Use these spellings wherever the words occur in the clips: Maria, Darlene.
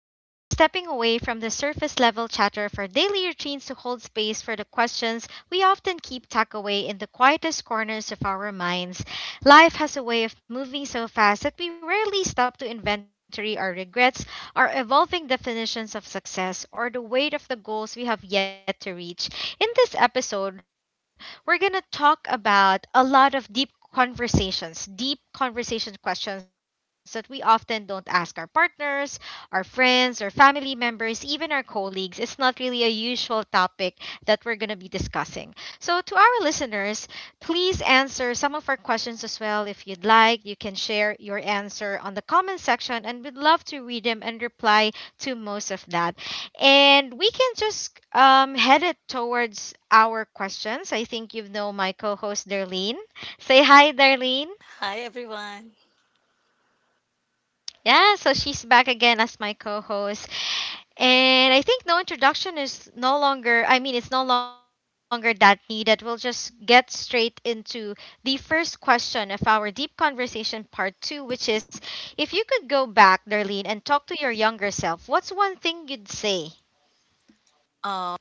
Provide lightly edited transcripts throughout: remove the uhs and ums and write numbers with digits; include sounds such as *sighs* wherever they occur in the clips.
and we're stepping away from the surface level chatter for daily routines to hold space for the questions we often keep tucked away in the quietest corners of our minds. Life has a way of moving so fast that we rarely stop to inventory our regrets, our evolving definitions of success, or the weight of the goals we have yet to reach. In this episode, we're going to talk about a lot of deep conversations, deep conversation questions that we often don't ask our partners, our friends, or family members, even our colleagues. It's not really a usual topic that we're going to be discussing. So, to our listeners, please answer some of our questions as well. If you'd like, you can share your answer on the comment section, and we'd love to read them and reply to most of that. And we can just head it towards our questions. I think you know my co host, Darlene. Say hi, Darlene. Hi everyone. Yeah, so she's back again as my co-host. And I think no introduction is no longer, I mean, it's no longer that needed. We'll just get straight into the first question of our deep conversation part two, which is, if you could go back, Darlene, and talk to your younger self, what's one thing you'd say? Um,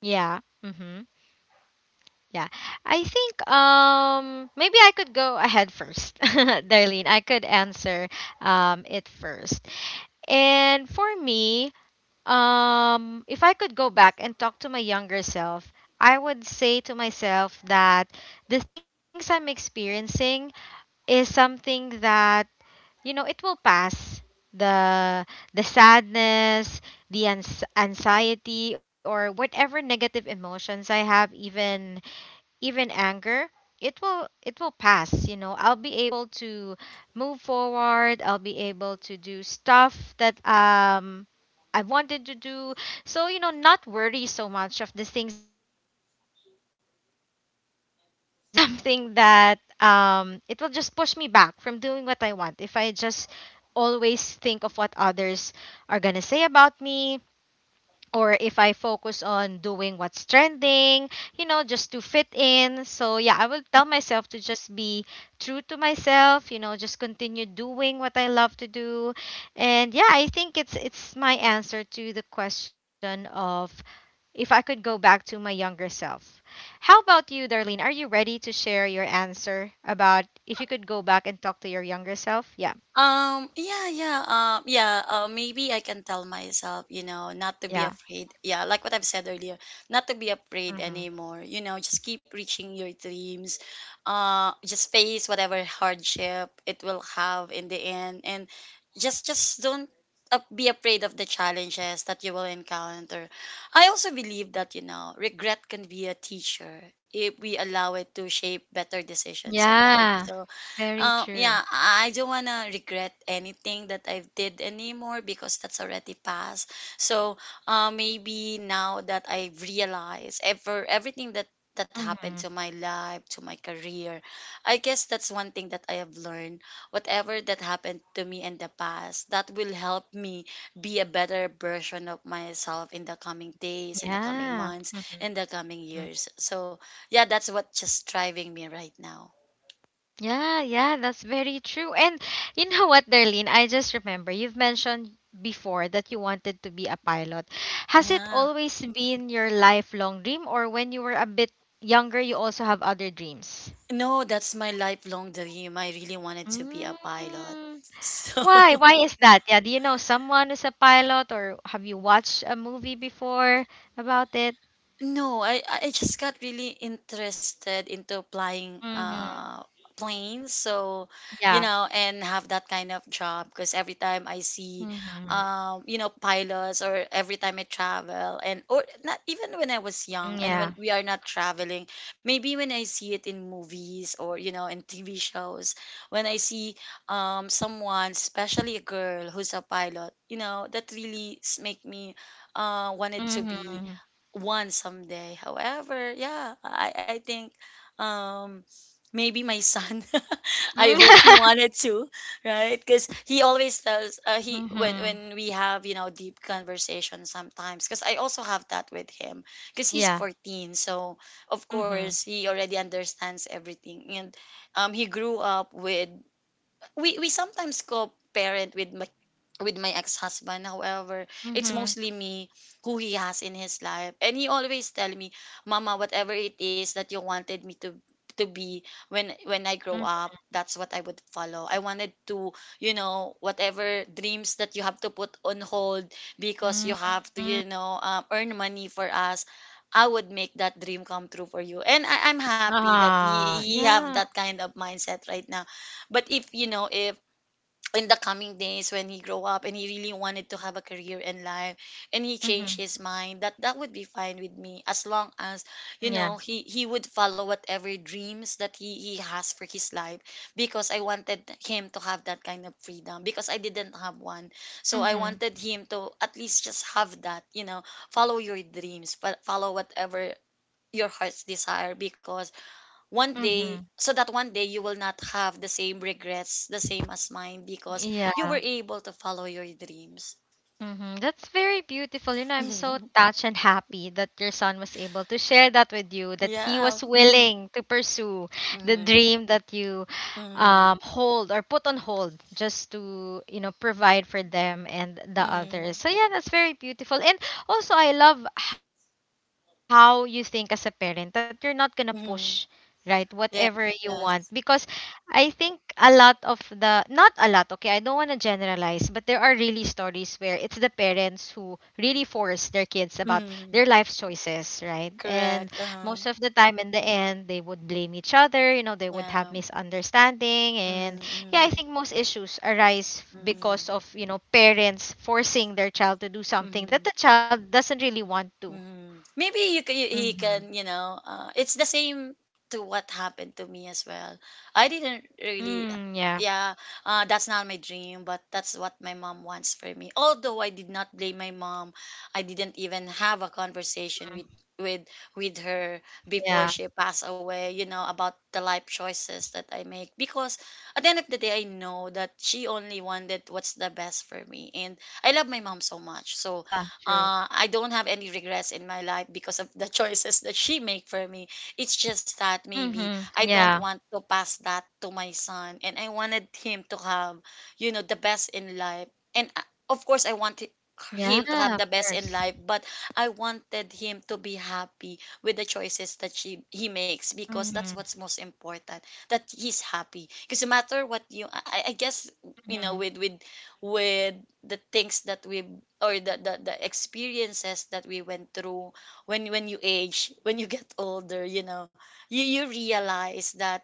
Yeah. Mm-hmm. Yeah. I think maybe I could go ahead first. *laughs* Darlene, I could answer it first. And for me, if I could go back and talk to my younger self, I would say to myself that the things I'm experiencing is something that, you know, it will pass. The the sadness, the anxiety, or whatever negative emotions I have, even even anger, it will pass. You know, I'll be able to move forward, I'll be able to do stuff that I wanted to do. So, you know, not worry so much of the things that I'm worrying, because, you know, in reality, it's *laughs* something that it will just push me back from doing what I want if I just always think of what others are going to say about me, or if I focus on doing what's trending, you know, just to fit in. So yeah, I will tell myself to just be true to myself, you know, just continue doing what I love to do. And yeah, I think it's my answer to the question of if I could go back to my younger self. How about you, Darlene? Are you ready to share your answer about if you could go back and talk to your younger self? Yeah. Yeah. Maybe I can tell myself, you know, not to be Yeah. afraid. Yeah, like what I've said earlier, not to be afraid Hmm. anymore. You know, just keep reaching your dreams. Just face whatever hardship it will have in the end, and just don't be afraid of the challenges that you will encounter. I also believe that you know, regret can be a teacher if we allow it to shape better decisions in life. Yeah, So very true. yeah, I don't wanna regret anything that I have did anymore because that's already past. So, maybe now that I've realized everything that that happened to Hmm. my life, to my career, I guess that's one thing that I have learned. Whatever that happened to me in the past, that will help me be a better version of myself in the coming days, in the coming Yeah. months, Hmm. in the coming years. So, yeah, that's what just driving me right now. Yeah, yeah, that's very true. And you know what, Darlene? I just remember you've mentioned before that you wanted to be a pilot. Has it Yeah. always been your lifelong dream, or when you were a bit younger, you also have other dreams? No, that's my lifelong dream. I really wanted to be a pilot. Mm. *laughs* So, Why? Why is that? Yeah, do you know someone who's a pilot, or have you watched a movie before about it? no, I just got really interested into applying Mm-hmm. Planes. So, you Yeah. know, and have that kind of job because every time I see Mm-hmm. You know, pilots, or every time I travel and or not even when I was young and Yeah. when we are not traveling, maybe when I see it in movies or, you know, in TV shows, when I see someone, especially a girl who's a pilot, you know, that really make me wanted to be Mm-hmm. one someday. However, yeah, I think um maybe my son *laughs* I hope he *laughs* wanted to, right? Because he always tells he when Mm-hmm. when we have, you know, deep conversations sometimes because I also have that with him because he's Yeah. 14. So, of course, Mhm, he already understands everything. And he grew up with, we sometimes compare it with my ex-husband. However, it's mhm, mostly me who he has in his life, and he always tell me, Mama, whatever it is that you wanted me to be when I grow mhm, up, that's what I would follow. I wanted to, you know, whatever dreams that you have to put on hold because you have mm. to, you know, earn money for us, I would make that dream come true for you. And I'm happy that Ah, he have yeah. that kind of mindset right now. But if, you know, if in the coming days when he grow up and he really wanted to have a career in life and he changed Mhm, his mind, that that would be fine with me as long as, you yeah. know, he would follow whatever dreams that he has for his life, because I wanted him to have that kind of freedom because I didn't have one. So I Mhm, wanted him to at least just have that, you know, follow your dreams, follow whatever your heart's desire, because one day, mhm, so that one day you will not have the same regrets, the same as mine, because you were yeah. able to follow your dreams. Mm-hmm. That's very beautiful. You know, I'm so *laughs* touched and happy that your son was able to share that with you, that he Yeah. was Mm-hmm. willing to pursue the Mm-hmm. dream that you Mm-hmm. Hold or put on hold just to, you know, provide for them and the Mm-hmm. others. So, yeah, that's very beautiful. And also, I love how you think as a parent that you're not going to push, Mm. right? Yes. Whatever you want. Yes. Because I think a lot of the, not a lot, okay, I don't want to generalize, but there are really stories where it's the parents who really force their kids Mm-hmm. about their life choices, Correct. right? Uh-huh. And most of the time in the end they would blame each Yeah. other, you know, they would have Mm-hmm. misunderstanding, and yeah, I think most issues Mm-hmm. arise because of, you know, parents forcing Mm-hmm. their child to do something that the child doesn't really Mm. want Maybe to. you can, he can, you know, Mhm. It's the same to what happened to me as well. I didn't really, Mm, yeah. yeah, that's not my dream, but that's what my mom wants for me. Although I did not blame my mom, I didn't even have a Mhm. conversation Yeah. with with her before she passed away. You know, about the life choices that I make, because at the end of the day I know that she only wanted what's the best for me, and I love my mom so much. So Yeah, true. I don't have any regrets in my life because of the *laughs* choices that she make for me. It's just that maybe Mhm. I don't Yeah. want to pass that to my son, and I wanted him to have, you know, the best in life. And of course, I want Yeah, him to have the of best in course. life, but I wanted him to be happy with the choices that she he makes, because that's Mhm. what's most important. That he's happy. Because no matter what you, I guess, you know, Mhm. With the things that we, or the experiences that we went through when you age, *laughs* when you get older, you know, you realize that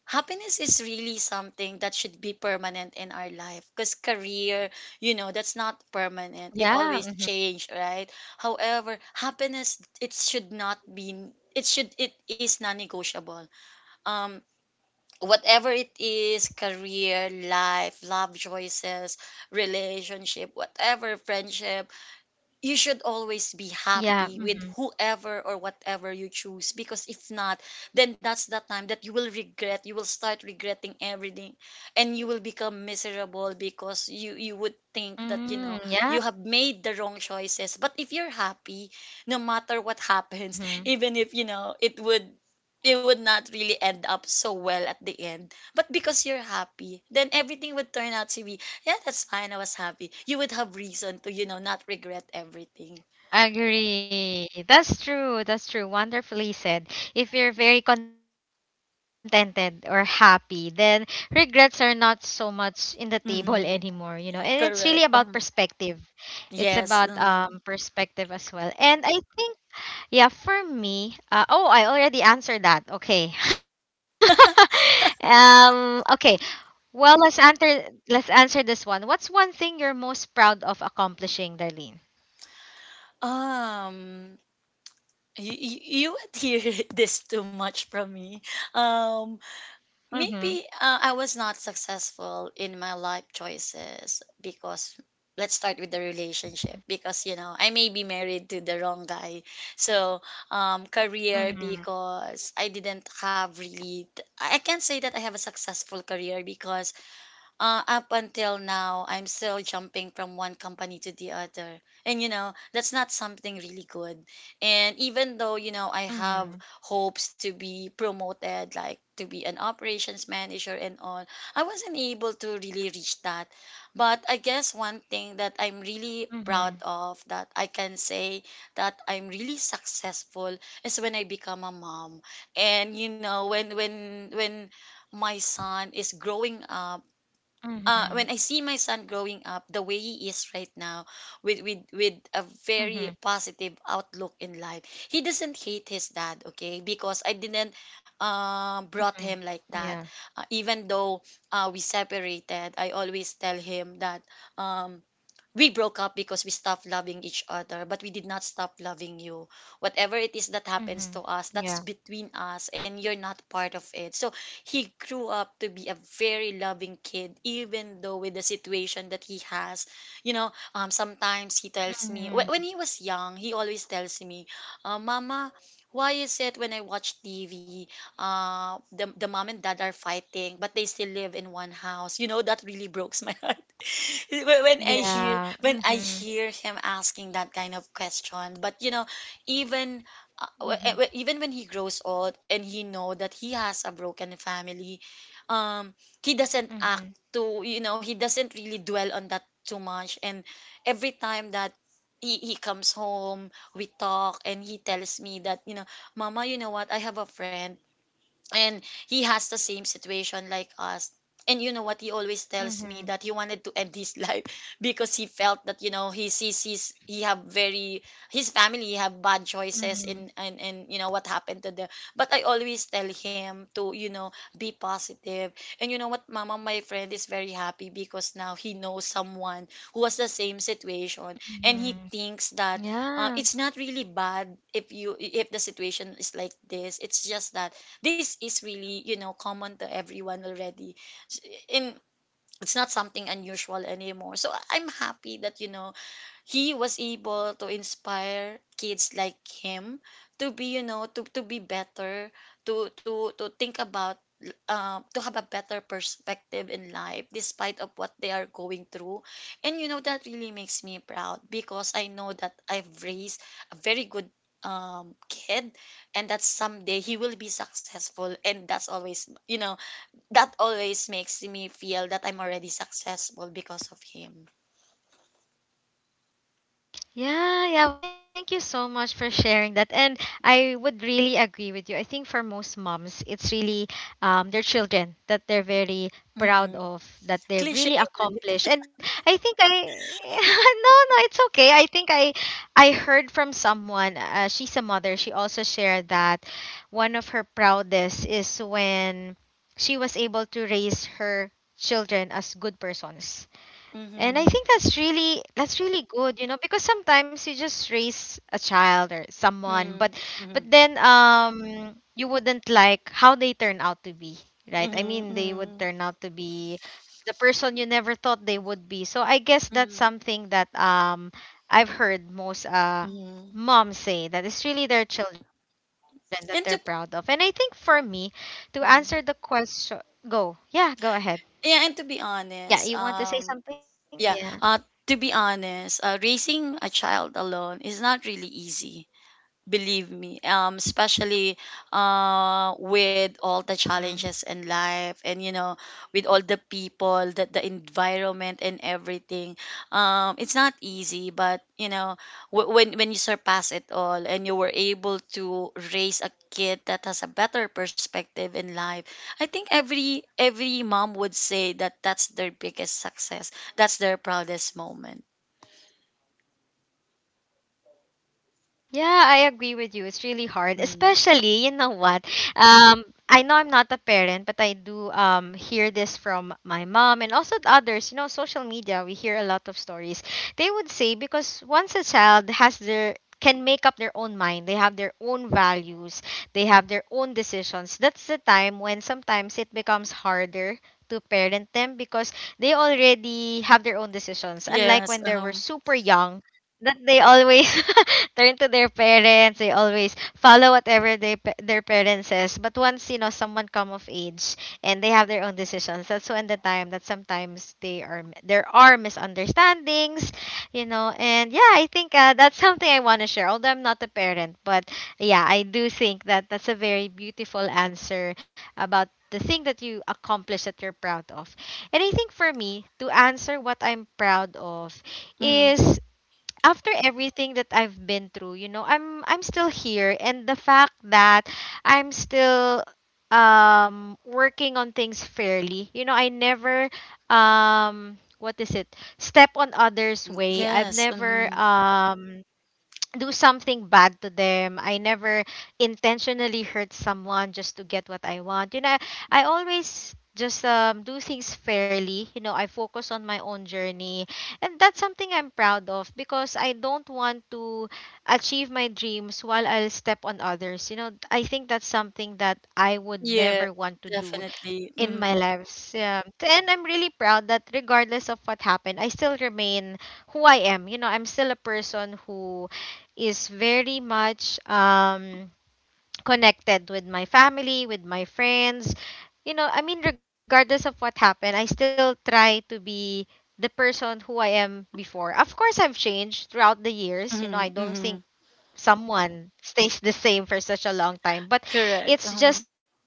happiness is really something that should be permanent in our life, because career, you know, that's not permanent, it always Yeah. Mhm. change, right? However, happiness, it should not be, it should, it is non-negotiable. um Whatever it is, career, life, love choices, relationship, whatever, friendship, you should always be happy Yeah. with Mhm. whoever or whatever you choose, because if not, then that's the time that you will regret, you will start regretting everything, and you will become miserable because you would think that, you know, Mm, you yeah. have made the wrong choices. But if you're happy, no matter what happens, *laughs* Mhm. even if, you know, it would, it would not really end up so well at the end, but because you're happy, then everything would turn out to be, yeah, that's fine. I was happy. You would have reason to, you know, not regret everything. Agree. That's true. That's true. Wonderfully said. If you're very contented or happy, then regrets are not so much in the table Hmm. *laughs* anymore, you know. And it's Correct. really about perspective. It's Yes. about perspective as well. And I think, yeah, for me, oh, I already answered that. Okay. *laughs* Okay, well, let's answer this one. What's one thing you're most proud of accomplishing, Darlene? um you, you would hear *laughs* this too much from me. Um, Maybe I was not Mhm. successful in my life choices because, let's start with the relationship, because you know I may be Mhm. married to the wrong guy. So career, because I didn't Mhm. have really, I can't say that I have a successful career, because up until now, I'm still jumping from Mhm. one company to the other. And, you know, that's not something really good. And even though, you know, I have hopes to Mhm. be promoted, like to be an operations manager and all, I wasn't able to really reach that. But I guess one thing that I'm really proud of that I Mhm. can say that I'm really successful is when I become a mom. And, you know, my son is growing up, when I see my son Mhm. growing up the way he is right now, with a very positive Mhm. outlook in life, he doesn't hate his dad, okay, because I didn't brought him like that. Mhm. Even Yeah. though, we separated, I always tell him that um we broke up because we stopped loving each other, but we did not stop loving you. Whatever it is that happens to us, that's Mhm. between us Yeah. and you're not part of it. So he grew up to be a very loving kid, even though with the situation that he has. You know, sometimes he tells me, when he was Mhm. young, he always tells me, Mama, why is it when I watch TV, the mom and dad are fighting, but they still live in one house? You know, that really breaks my *laughs* heart *laughs* when I hear, when I Yeah. hear him Mhm. asking that kind of question. But you know, even even when he Mhm. grows old and he know that he has a broken family, um, he doesn't act to, you know, Mhm. he doesn't really dwell on that too much. And every time that he comes home, we talk, and he tells me that, you know, Mama, you know what? I have a friend, and he has the same situation like us, and you know what, he always tells me that he wanted to end Mhm. his life *laughs* because he felt that, you know, he sees his, he have very, his family have bad choices in, and you know Mhm. what happened to them. But I always tell him to, you know, be positive, positive. And you know what, Mama, my friend is very happy because now he knows someone who has the same situation, and he thinks that Mhm. It's not really Yeah. bad if you, if the situation is like this, it's just that this is really, you know, common to everyone already. S- in It's not something unusual anymore. So I'm happy that, you know, he was able to inspire kids like him to be, you know, to be better, to think about, to have a better perspective in life despite of what they are going through. And you know, that really makes me proud, because I know that I've raised a very good kid, and that someday he will be successful, and that's always, you know, that always makes me feel that I'm already successful because of him. Yeah, yeah. Well, thank you so much for sharing that. And I would really agree with you. I think for most moms, it's really their children that they're very proud Hmm. of, that they've Cliche. really accomplished. And I think I, *laughs* no, no, it's okay. I think I heard from someone, she's a mother, she also shared that one of her proudest is when she was able to raise her children as good persons, and I Mm-hmm. think that's really, that's really good, you know, because sometimes you just raise a child or someone, Mm-hmm. but Mm-hmm. then you wouldn't like how they turn out to be, right? I Mm-hmm. mean, they would Mm-hmm. turn out to be the person you never thought they would be. So I guess that's something that I've heard most Mm-hmm. moms say that it's really their children that they're proud of. And I think And for to, me to answer the question, mm. go. Yeah, go ahead. Yeah, and to be Yeah, honest, you want to say something? Yeah. yeah, to be honest, raising a child alone is not really easy. Believe me, especially with all the Mhm. challenges in life, and you know, with all the people, that the environment and everything. Um, it's not easy, but you know, when you surpass it all and you were able to raise a kid that has a better perspective in life, I think every mom would say that that's their biggest success, that's their proudest moment. Yeah, I agree with you. It's really hard, mm. especially, you know what. I know I'm not a parent, but I do hear this from my mom and also the others. You know, social media. We hear a lot of stories. They would say, because once a child has their, can make up their own mind. They have their own values. They have their own decisions. That's the time when sometimes it becomes harder to parent them because they already have their own decisions. Unlike Yes, when they were super young, that they always *laughs* turn to their parents, they always follow whatever they their parents says. But once, you know, someone come of age and they have their own decisions, that's when the time that sometimes they are, there are misunderstandings, you know. And yeah, I think that's something I want to share, although I'm not a parent, but yeah, I do think that that's a very beautiful answer about the thing that you accomplish that you're proud of. And I think for me, to answer what I'm proud of, mm, is after everything that I've been through, you know, I'm still here, and the fact that I'm still working on things fairly. You know, I never what is it? Step on others' way. I've yes, never mhm. Do something bad to them. I never intentionally hurt someone just to get what I want. You know, I always just do things fairly. You know, I focus on my own journey. And that's something I'm proud of because I don't want to achieve my dreams while I'll step on others. You know, I think that's something that I would Yes, never want to do definitely. in my Mhm, lives. Yeah. And I'm really proud that regardless of what happened, I still remain who I am. You know, I'm still a person who is very much connected with my family, with my friends. You know, I mean regardless of what happened, I still try to be the person who I am before. Of course I've changed throughout the years. You know, I mhm, don't mhm. think someone *laughs* stays the same for such a long time. But Correct. it's just that,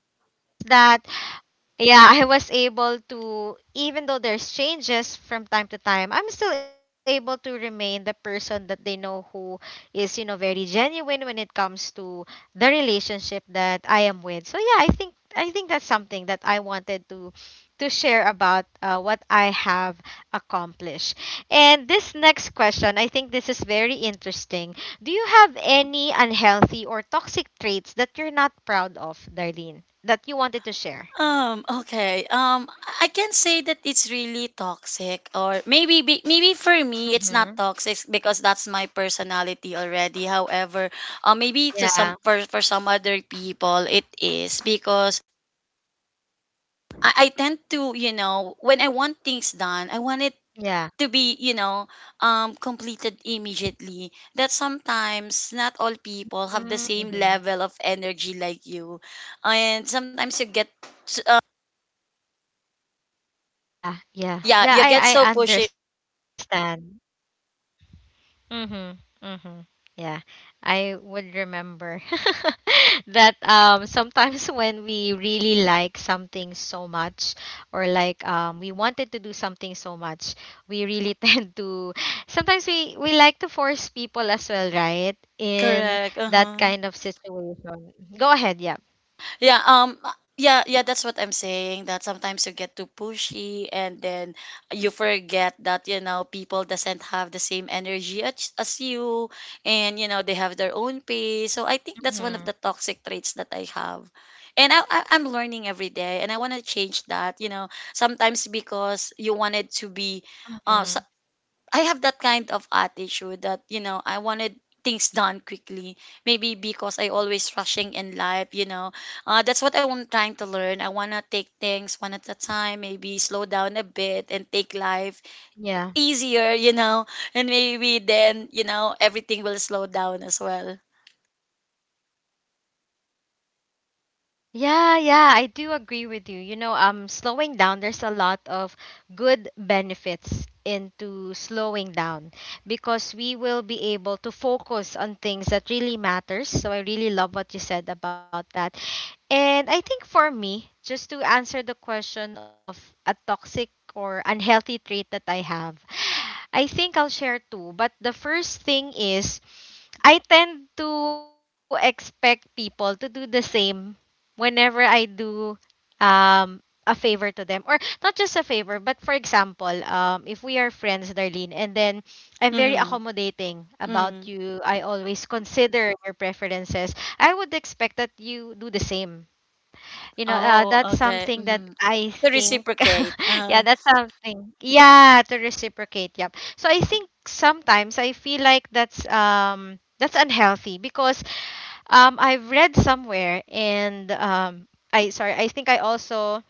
yeah, I was able to, even though there's changes from time to time, I'm still able to remain the person that they know who is, you know, very genuine when it comes to the relationship that I am with. So yeah, I think that's something that I wanted to share about what I have accomplished. And this next question, I think this is very interesting. Do you have any unhealthy or toxic traits that you're not proud of, Darlene, that you wanted to share? um, okay. I can say that it's really toxic, or maybe for me it's not Mm-hmm. toxic because that's my personality already. However, maybe to some, Yeah. For some other people it is because I tend to, you know, when I want things done, I want it Yeah. to be, you know, completed immediately, that sometimes not all people have the same Mm-hmm. level of energy like you, and sometimes you get, Yeah. Yeah. yeah, Yeah. you get I so I pushy. understand. Mhm. Mhm. Yeah. I would remember *laughs* that sometimes *laughs* when we really like something so much, or like we wanted to do something so much, we really *laughs* tend to, sometimes we like to force people as well, right? Correct, In uh-huh. that kind of situation. Go ahead, yeah. Yeah, that's what I'm saying, that sometimes you get too pushy, and then you forget that, you know, people doesn't have the same energy as, you, and you know they have their own pace. So I think that's one of the Mhm. toxic traits that I have, and I'm learning every day, and I want to change that. You know, sometimes because you wanted to be, uh, Mhm. I have that kind of attitude that, you know, I wanted things done quickly. Maybe because I always rushing in life, you know. That's what I'm trying to learn. I wanna take things one at a time. Maybe slow down a bit and take life Yeah. easier, you know. And maybe then, you know, everything will slow down as well. Yeah, yeah, I do agree with you. Slowing down, there's a lot of good benefits into slowing down, because we will be able to focus on things that really matters. So I really love what you said about that. And I think for me, just to answer the question of a toxic or unhealthy trait that I have, I think I'll share two. But the first thing is, I tend to expect people to do the same whenever I do um a favor to them, or not just a favor, but for example, if we are friends, Darlene, and then I'm very Mm-hmm. accommodating Mm-hmm. about you. I always consider your preferences. I would expect that you do the same. you know uh, Oh, that's okay. something that Mm-hmm. I To think, reciprocate. *laughs* yeah, Uh-huh. that's something, yeah, to reciprocate, yep. So I think sometimes I feel like that's unhealthy, because I've read somewhere, and I, sorry, I think I also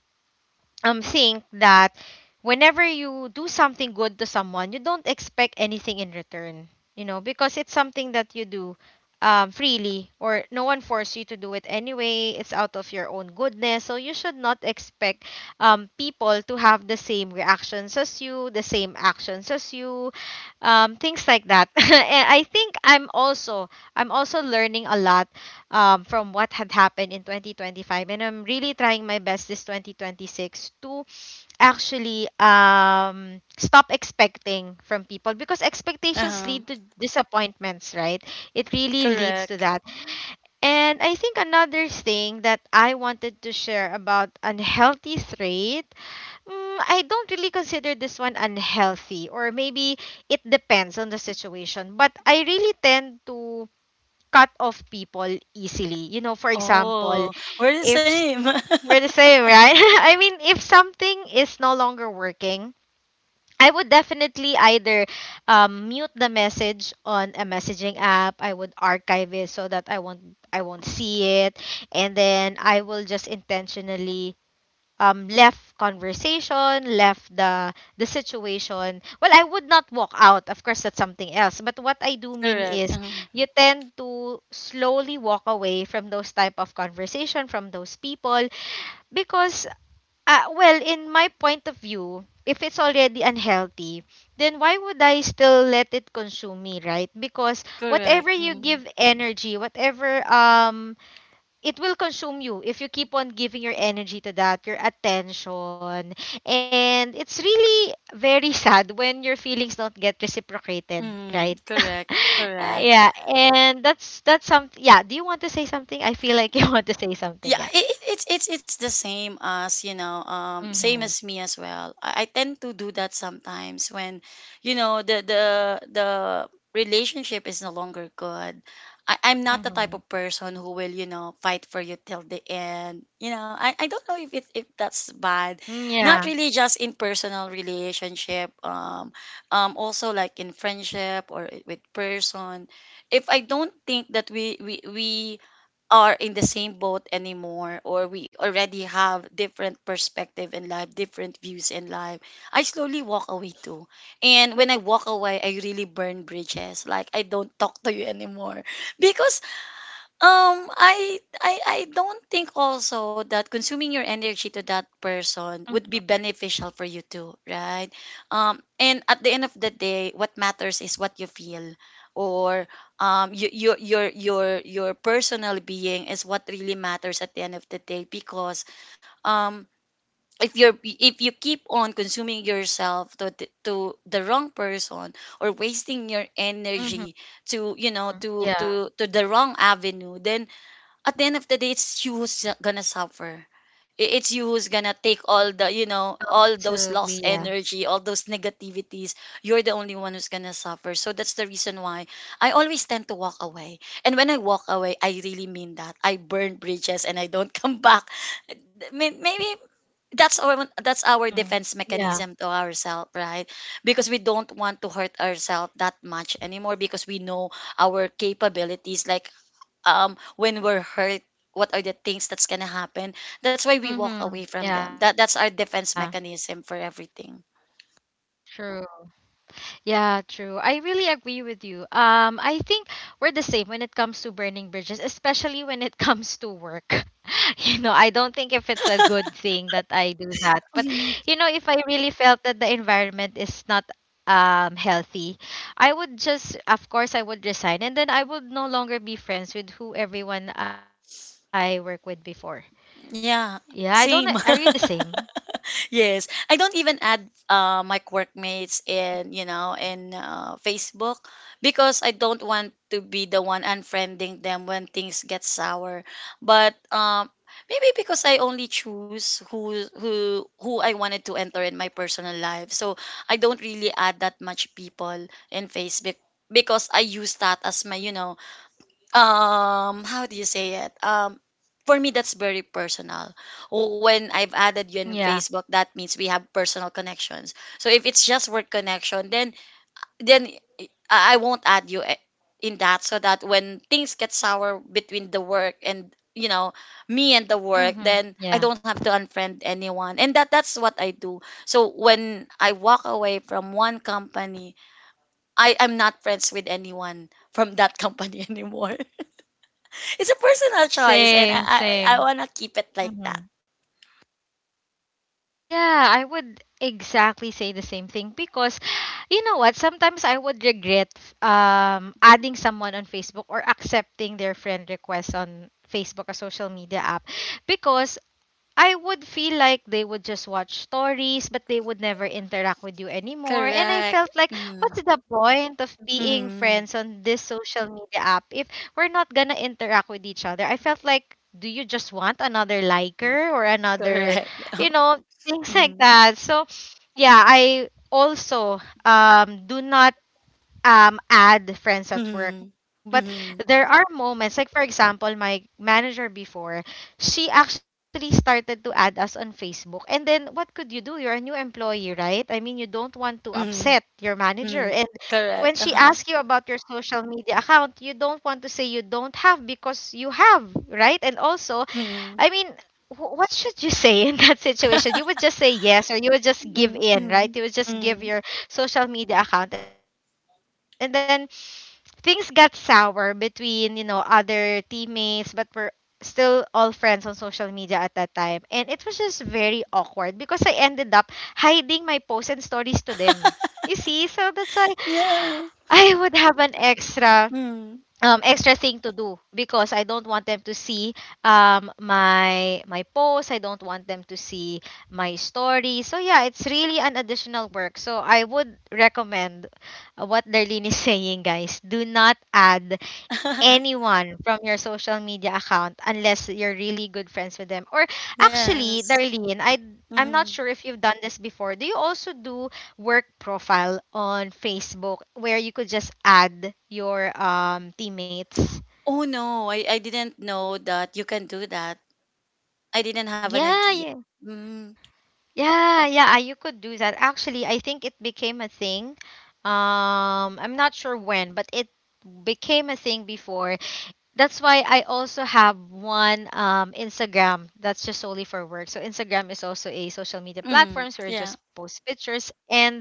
think that whenever you do something good to someone, you don't expect anything in return. You know, because it's something that you do freely, or no one forced you to do it anyway. It's out of your own goodness. So you should not expect people to have the same reactions as you, the same actions as you, things like that. *laughs* And I think I'm also learning a lot from what had happened in 2025. And I'm really trying my best this 2026 to actually stop expecting from people, because expectations Uh-huh. lead to disappointments, right? It really leads to Correct. that. And I think another thing that I wanted to share about unhealthy trait, I don't really consider this one unhealthy, or maybe it depends on the situation. But I really tend to cut off people easily. You know, for example, Oh, we're the if same. we're the same, right? *laughs* I mean, if something is no longer working, I would definitely either mute the message on a messaging app. I would archive it so that I won't see it, and then I will just intentionally left conversation, left the situation. Well, I would not walk out. Of course, that's something else. But what I do *laughs* mean Correct. is, Uh-huh. you tend to slowly walk away from those type of conversation, from those people, because well, in my point of view, if it's already unhealthy, then why would I still let it consume me, right? Because whatever Correct, you mm, give energy, whatever it will consume you if you keep on giving your energy to that, your attention. And it's really very *laughs* sad when your feelings don't get reciprocated, mm, right? *laughs* correct, Uh, correct. yeah, and that's something. Yeah, do you want to say something? I feel like you *laughs* want to say Yeah, something. Yeah. it's the same as, you know, same Mhm. as me as well. I tend to do that sometimes when, you know, the relationship is no longer good. I'm not the type of Mhm. person who will, you know, fight for you till the end. You know, I don't know if if that's bad. Mm, Not yeah. really just in personal relationship, also like in friendship or with person. If I don't think that we are in the same boat anymore, or we already have different perspective in life, different views in life, I slowly walk away too. And when I walk away, I really burn bridges. Like, I don't talk to you *laughs* anymore because, I don't think also that consuming your energy to that person Mhm. would be beneficial for you too, right? And at the end of the day, what matters is what you feel, or you, your personal being is what really matters at the end of the day, because um. if you're, if you keep on consuming yourself to the wrong person, or wasting your energy Mhm, to, you know, yeah. To the wrong avenue, then at the end of the day, it's you who's gonna suffer. It's you who's gonna take all the, you know, all Absolutely. those Yeah. lost energy, all those negativities. You're the only one who's gonna suffer. So that's the reason why I always tend to walk away. And when I walk away, I really mean that. I burn bridges, and I don't *laughs* come back. Maybe that's our that's our defense Mhm. mechanism to Yeah. ourselves, right? Because we don't want to hurt ourselves that much anymore, because we know our Mhm. Yeah. capabilities. Like, when we're hurt, what are the things that's gonna happen, that's why we walk away from Mhm. them. That's Yeah. our defense mechanism for everything. True. Yeah, true. I really agree with you. I think we're the same when it comes to burning bridges, especially when it *laughs* comes to work. *laughs* You know, I don't think if it's a good thing that I do that. But Mhm. If I really felt that the environment is not healthy, I would just, of course, I would resign, and then I would no longer be friends with who everyone I work with before. Yeah, Yeah, I don't same. are you the same? Yes, I don't even add, my Yeah. workmates in, you know, in, Facebook, because I don't want to be the one unfriending them when things get sour. But maybe because I only choose who I wanted to enter in my personal life, so I don't really add that much people in Facebook, because I use that as my, you know, how do you say it, for me that's very personal. When I've added you on Yeah. Facebook, that means we have personal connections. So if it's just work connection, then then i I won't add you, eh, in that, so that when things get sour between the work and, you know, me and the work, Mhm. then I Yeah. don't have to unfriend anyone. And that's what I do. So when I walk away from one company, I am not friends with anyone from that company *laughs* anymore. It's a personal choice, and Same, I same. wanna keep it like that. Mhm. Yeah, I would exactly say the same thing, because you know what? Sometimes I would regret adding someone on Facebook, or accepting their friend request on Facebook, a social media app, because I would feel like they would just watch stories, but they would never interact with you anymore. And I Correct. felt like, Mm-hmm. what's the point of being Mm-hmm. friends on this social media app if we're not gonna interact with each other? I felt like, do you just want another liker, or another, Correct. *laughs* Oh. you know, *laughs* things like Mm-hmm. that? So, yeah, I also do not add friends at Mm-hmm. work. But Mm-hmm. there are moments, like for example, my manager before, she actually started to add us on Facebook, and then what could you do? You're a new employee, right? I mean, you don't want to upset Mm-hmm. your manager. Mm-hmm. And when Correct. she Uh-huh. asks you about your social media account, you don't want to say you don't have, because you have, right? And also, Mm-hmm. I mean, what should you say in that *laughs* situation? You would just say yes, or you would just Mm-hmm. give in, Mm-hmm. right? You would just give Mm-hmm. your social media account, and then things got sour between other teammates, but we're still all friends on social media at that time, and it was just very awkward because I ended up hiding my posts and stories to them. You see, so that's why I Yeah. would have an extra Mm-hmm. extra thing to do, because I don't want them to see my posts. I don't want them to see my story. So yeah, it's really an additional work. So I would recommend what Darlene is *laughs* saying, guys. Do not add *laughs* anyone from your social media account unless you're really good friends with them. Or actually, Yes. Darlene, I'm Mm-hmm. not sure if you've done this before. Do you also do work profile on Facebook where you could just add your teammates? Oh no, I didn't know that you can do that. I didn't have an idea. Yeah, yeah. Mm-hmm. Yeah, yeah, you could do that. Actually, I think it became a thing. I'm not sure when, but it became a thing before. That's why I also have one Instagram that's just solely for work. So Instagram is also a social media Mm-hmm. platform where I Yeah. just post pictures and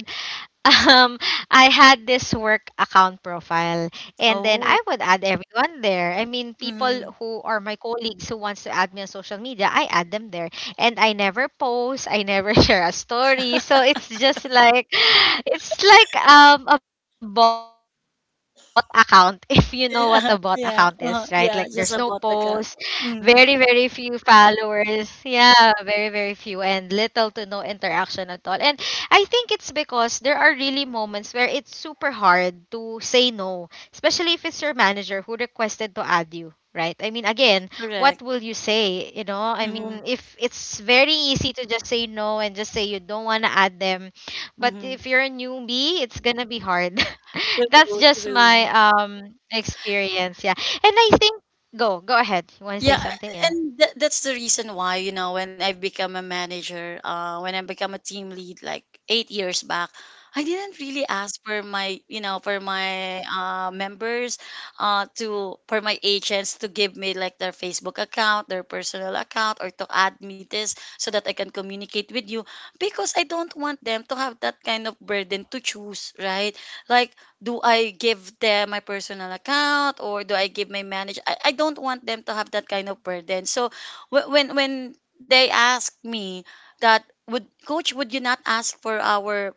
*laughs* um I had this work account profile, and then I Oh. would add everyone there. I mean, people Mm-hmm. who are my colleagues who wants to add me on social media, I add them there. And I never post, I never *laughs* share a story. So it's just like *sighs* it's like a bot account, *laughs* if you know what a bot account is, right? Yeah, Like, there's yeah, no uh-huh, post, yeah, just a bot very account. very few Mm, followers. Yeah, very very few, and little to no interaction at all. And I think it's because there are really moments where it's super hard to say no, especially if it's your manager who requested to add you, right? I mean, again, what correct. will you say? You know, I Mm-hmm, mean, if it's very easy to just say no and just say you don't want to add them, but mm-hmm. if you're a newbie, it's gonna be hard. *laughs* That's True, just my true. Experience, yeah. And I think, go ahead. You Yeah, want to say something? and Yeah. That's the reason why, you know, when I've become a manager, when I become a team lead like 8 years back, I didn't really ask for my, you know, for my members, to for my agents to give me like their Facebook account, their personal account, or to add me this so that I can communicate with you, because I don't want them to have that kind of burden to choose, right? Like, do I give them my personal account, or do I give my manager? I don't want them to have that kind of burden. So when they ask me, that would coach, would you not ask for our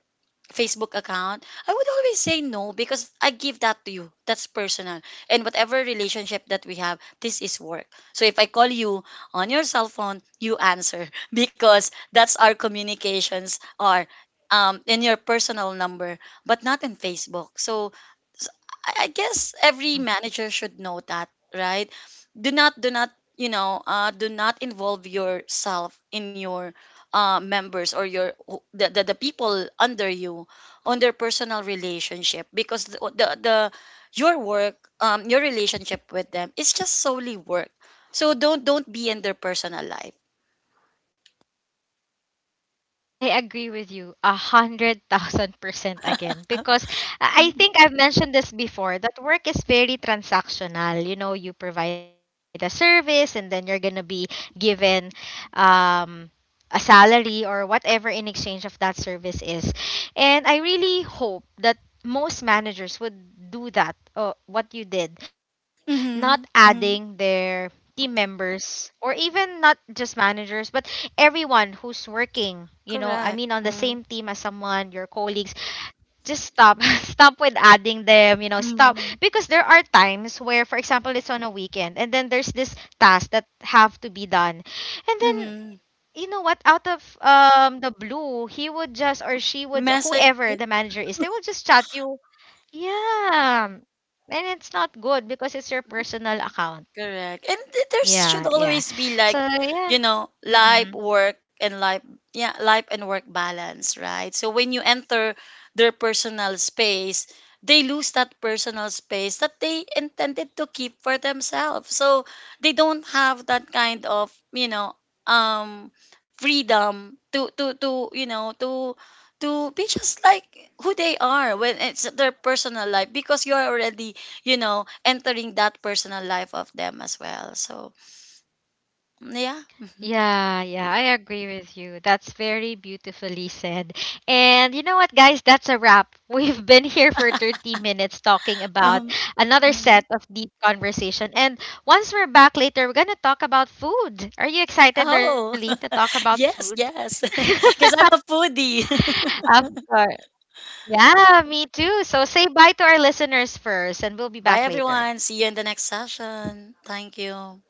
Facebook account, I would always say no, because I give that to you. That's personal. And whatever relationship that we have, this is work. So if I call you on your cell phone, you answer *laughs* because that's our communications are in your personal number, but not in Facebook. So, so I guess every Yeah. manager should know that, right? Do not, you know, do not involve yourself in your members, or your the, the people under you on their personal relationship, because the, your work, your relationship with them is just solely work. So don't be in their personal life. Yeah, I agree with you 100,000% again, because I Mm. think I've mentioned this before, that work is very transactional. You know, you provide a service and then you're gonna be given um, a salary or whatever in exchange of that service is. And I really hope that most managers would do that. What you did, not Mm-hmm, mm-hmm, adding their team members, or even not just managers, but everyone who's working, I correct, mean, on the mm-hmm, same team as someone, your colleagues, just stop *laughs* stop with adding them, stop, mm-hmm. because there are times where, for example, it's on a weekend, and then there's this task that have to be done. And then, Mm-hmm. you know what, out of the blue, he would just, or she would, Message whoever you. the manager is, they will just chat you. Yeah, and it's not good because it's your personal account. Correct. And there Yeah, should yeah. always be So like, yeah. you know, Mm-hmm. life, work, and life, yeah, life and work balance, right? So when you enter their personal space, they lose that personal space that they intended to keep for themselves. So they don't have that kind of, you know, um, freedom to, you know, to be just like who they are when it's their personal life, because you're already, you know, entering that personal life of them as well. So mm, yeah. Yeah, yeah, I agree with you. That's very beautifully said. And you know what, guys? That's a wrap. *laughs* We've been here for 30 minutes talking *laughs* about um, another set mhm. of deep conversation. And once we're back later, we're going to talk about food. Are you excited, Darlene, Oh, to talk about *laughs* food? yes, yes, *laughs* *laughs* because I'm a foodie. Of *laughs* course. Yeah, me too. So say bye to our listeners first, and we'll be Bye back later. everyone, see you in the next session. Thank you.